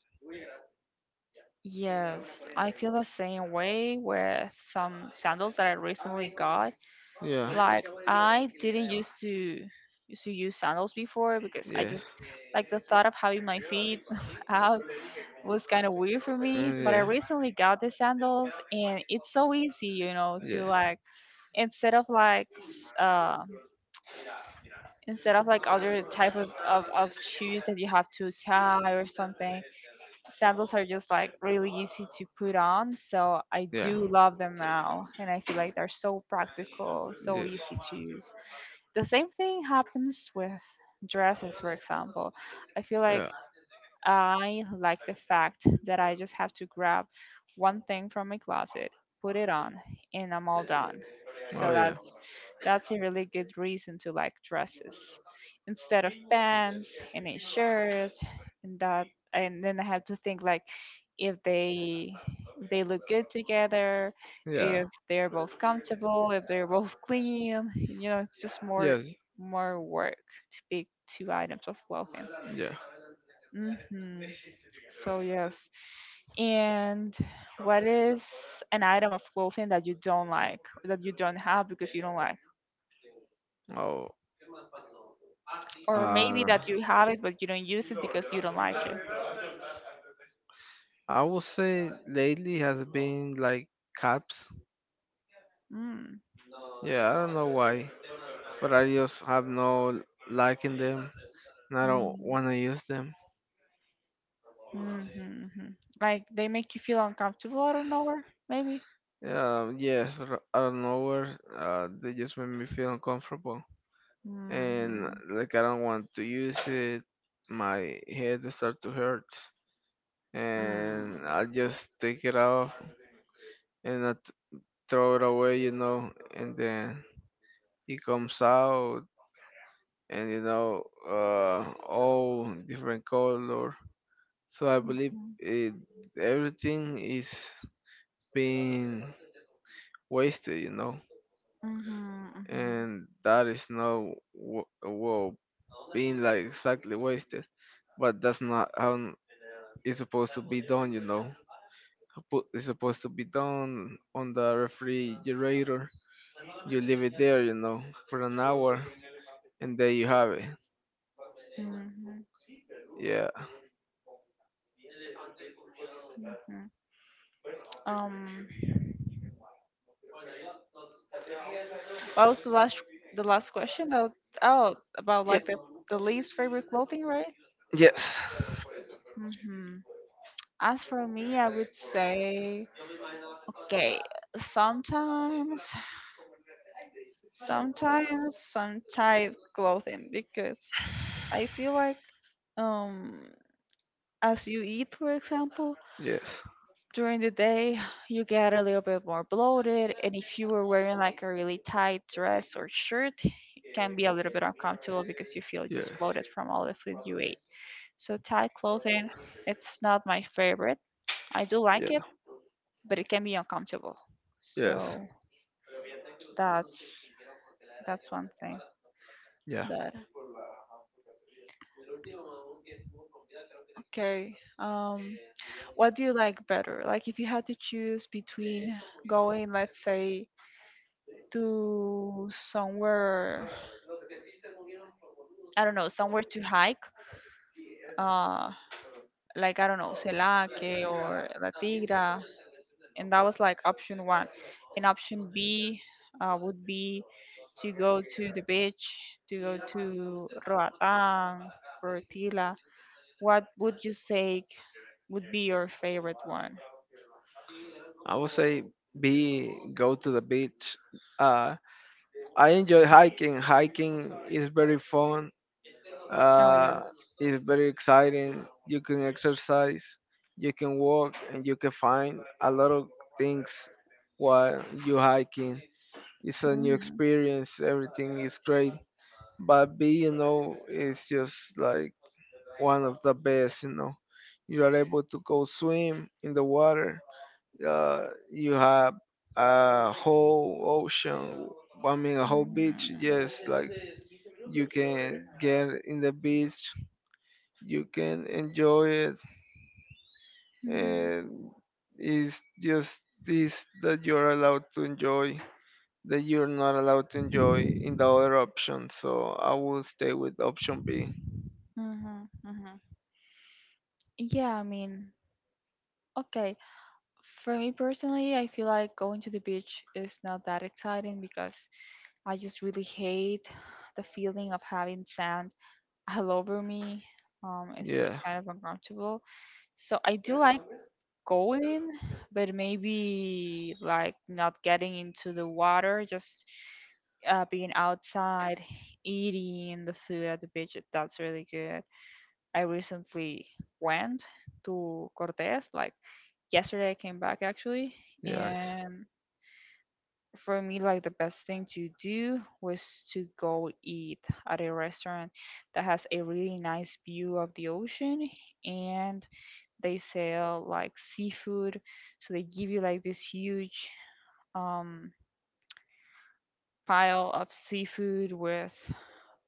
Speaker 1: Yes, I feel the same way with some sandals that I recently got.
Speaker 2: Yeah.
Speaker 1: Like I didn't used to use sandals before because I
Speaker 2: Yes.
Speaker 1: just like the thought of having my feet out was kind of weird for me.
Speaker 2: Mm,
Speaker 1: But I
Speaker 2: yeah.
Speaker 1: recently got the sandals and it's so easy, you know, to
Speaker 2: Yes.
Speaker 1: like instead of like instead of like other type of shoes that you have to tie or something, sandals are just like really easy to put on, so I
Speaker 2: Yeah.
Speaker 1: do love them now and I feel like they're so practical, so
Speaker 2: Yes.
Speaker 1: easy to use. The same thing happens with dresses, for example. I feel like
Speaker 2: Yeah.
Speaker 1: I like the fact that I just have to grab one thing from my closet, put it on, and I'm all done.
Speaker 2: Oh
Speaker 1: So
Speaker 2: yeah.
Speaker 1: that's a really good reason to like dresses instead of pants and a shirt and that, and then I have to think like if they if they look good together,
Speaker 2: Yeah.
Speaker 1: if they're both comfortable, if they're both clean, you know, it's just more
Speaker 2: Yes.
Speaker 1: more work to pick two items of clothing.
Speaker 2: Yeah.
Speaker 1: Hmm. So, yes. And what is an item of clothing that you don't like, that you don't have because you don't like?
Speaker 2: Oh.
Speaker 1: Or maybe
Speaker 2: Uh,
Speaker 1: that you have it, but you don't use it because you don't like it.
Speaker 2: I would say lately has been like caps.
Speaker 1: Mm.
Speaker 2: Yeah, I don't know why, but I just have no liking them, and I don't
Speaker 1: Mm.
Speaker 2: want to use them.
Speaker 1: Mm-hmm. Like they make you feel uncomfortable out of nowhere, maybe?
Speaker 2: Yes, out of nowhere, they just make me feel uncomfortable, and
Speaker 1: Mm-hmm.
Speaker 2: like I don't want to use it. My head start to hurt, and
Speaker 1: Mm-hmm.
Speaker 2: I just take it off and throw it away, you know. And then it comes out, and you know, all different color. So I believe it, everything is being wasted, you know,
Speaker 1: Mhm. Mhm.
Speaker 2: and that is not well being like exactly wasted, but that's not how it's supposed to be done, you know. It's supposed to be done on the refrigerator. You leave it there, you know, for an hour, and there you have it.
Speaker 1: Mhm.
Speaker 2: Yeah.
Speaker 1: Mhm. Um. What was the last question? About, oh, about like the least favorite clothing, right?
Speaker 2: Yes.
Speaker 1: Mm-hmm. As for me, I would say, okay, sometimes, sometimes some tight clothing because I feel like um as you eat, for example,
Speaker 2: Yes.
Speaker 1: during the day, you get a little bit more bloated. And if you were wearing like a really tight dress or shirt, it can be a little bit uncomfortable because you feel just
Speaker 2: Yes.
Speaker 1: bloated from all the food you ate. So tight clothing, it's not my favorite. I do like
Speaker 2: Yeah.
Speaker 1: it, but it can be uncomfortable.
Speaker 2: Yes.
Speaker 1: So that's that's one thing.
Speaker 2: Yeah.
Speaker 1: That. Okay. What do you like better? Like, if you had to choose between going, let's say, to somewhere, I don't know, somewhere to hike, uh, like, I don't know, Celaque or La Tigra, and that was like option one. And option B would be to go to the beach, to go to Roatán, Portila. What would you say would be your favorite one?
Speaker 2: I would say be go to the beach. Uh, I enjoy hiking. Hiking is very fun.
Speaker 1: Oh,
Speaker 2: Uh,
Speaker 1: yes.
Speaker 2: it's very exciting. You can exercise, you can walk, and you can find a lot of things while you hiking. It's a new
Speaker 1: Mhm.
Speaker 2: experience. Everything is great, but B, you know, is just like one of the best. You know, you are able to go swim in the water. Uh, you have a whole ocean. I mean, a whole beach.
Speaker 1: Mhm.
Speaker 2: Yes, like you can get in the beach. You can enjoy it,
Speaker 1: Mhm,
Speaker 2: and it's just this that you're allowed to enjoy that you're not allowed to enjoy in the other option. So I will stay with option B.
Speaker 1: mhm, mhm. Yeah, I mean, okay. For me personally, I feel like going to the beach is not that exciting because I just really hate the feeling of having sand all over me. It's just
Speaker 2: Yeah.
Speaker 1: kind of uncomfortable. So I do like going, but maybe like not getting into the water, just being outside, eating the food at the beach. That's really good. I recently went to Cortes, like yesterday I came back actually,
Speaker 2: Yes.
Speaker 1: and for me like the best thing to do was to go eat at a restaurant that has a really nice view of the ocean, and they sell like seafood, so they give you like this huge um pile of seafood with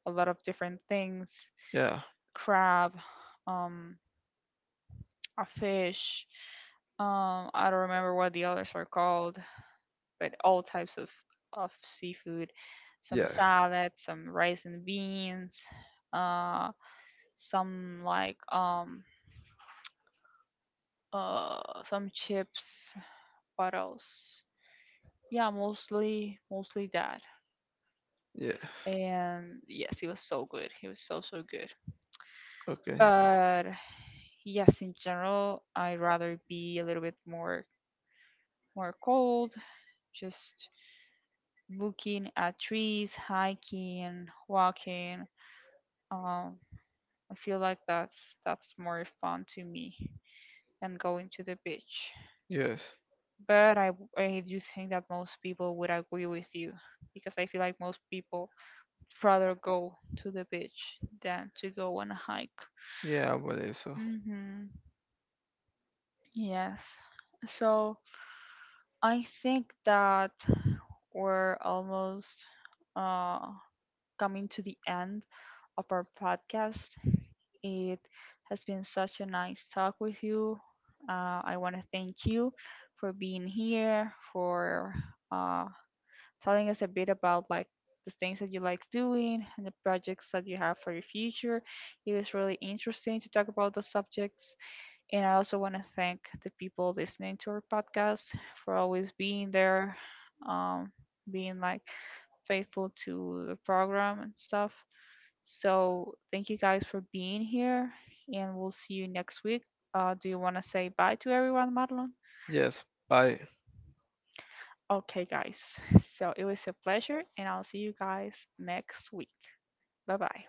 Speaker 1: a lot of different things,
Speaker 2: Yeah.
Speaker 1: crab, um, a fish, um, I don't remember what the others are called, with all types of seafood, some
Speaker 2: Yeah.
Speaker 1: salad, some rice and beans, uh, some like some chips. What else? Yeah, mostly that.
Speaker 2: Yeah.
Speaker 1: And yes, he was so good. He was so good.
Speaker 2: Okay.
Speaker 1: But yes, in general, I'd rather be a little bit more cold, just looking at trees, hiking, walking, um, I feel like that's more fun to me than going to the beach.
Speaker 2: Yes.
Speaker 1: But I do think that most people would agree with you because I feel like most people rather go to the beach than to go on a hike.
Speaker 2: Yeah, I believe so.
Speaker 1: Mhm. Yes. So I think that we're almost uh coming to the end of our podcast. It has been such a nice talk with you. I want to thank you for being here, for uh, telling us a bit about like the things that you like doing and the projects that you have for your future. It was really interesting to talk about the subjects. And I also want to thank the people listening to our podcast for always being there, um, being like faithful to the program and stuff. So thank you guys for being here, and we'll see you next week. Do you want to say bye to everyone, Madeline?
Speaker 2: Yes. Bye.
Speaker 1: Okay, guys. So it was a pleasure, and I'll see you guys next week. Bye bye.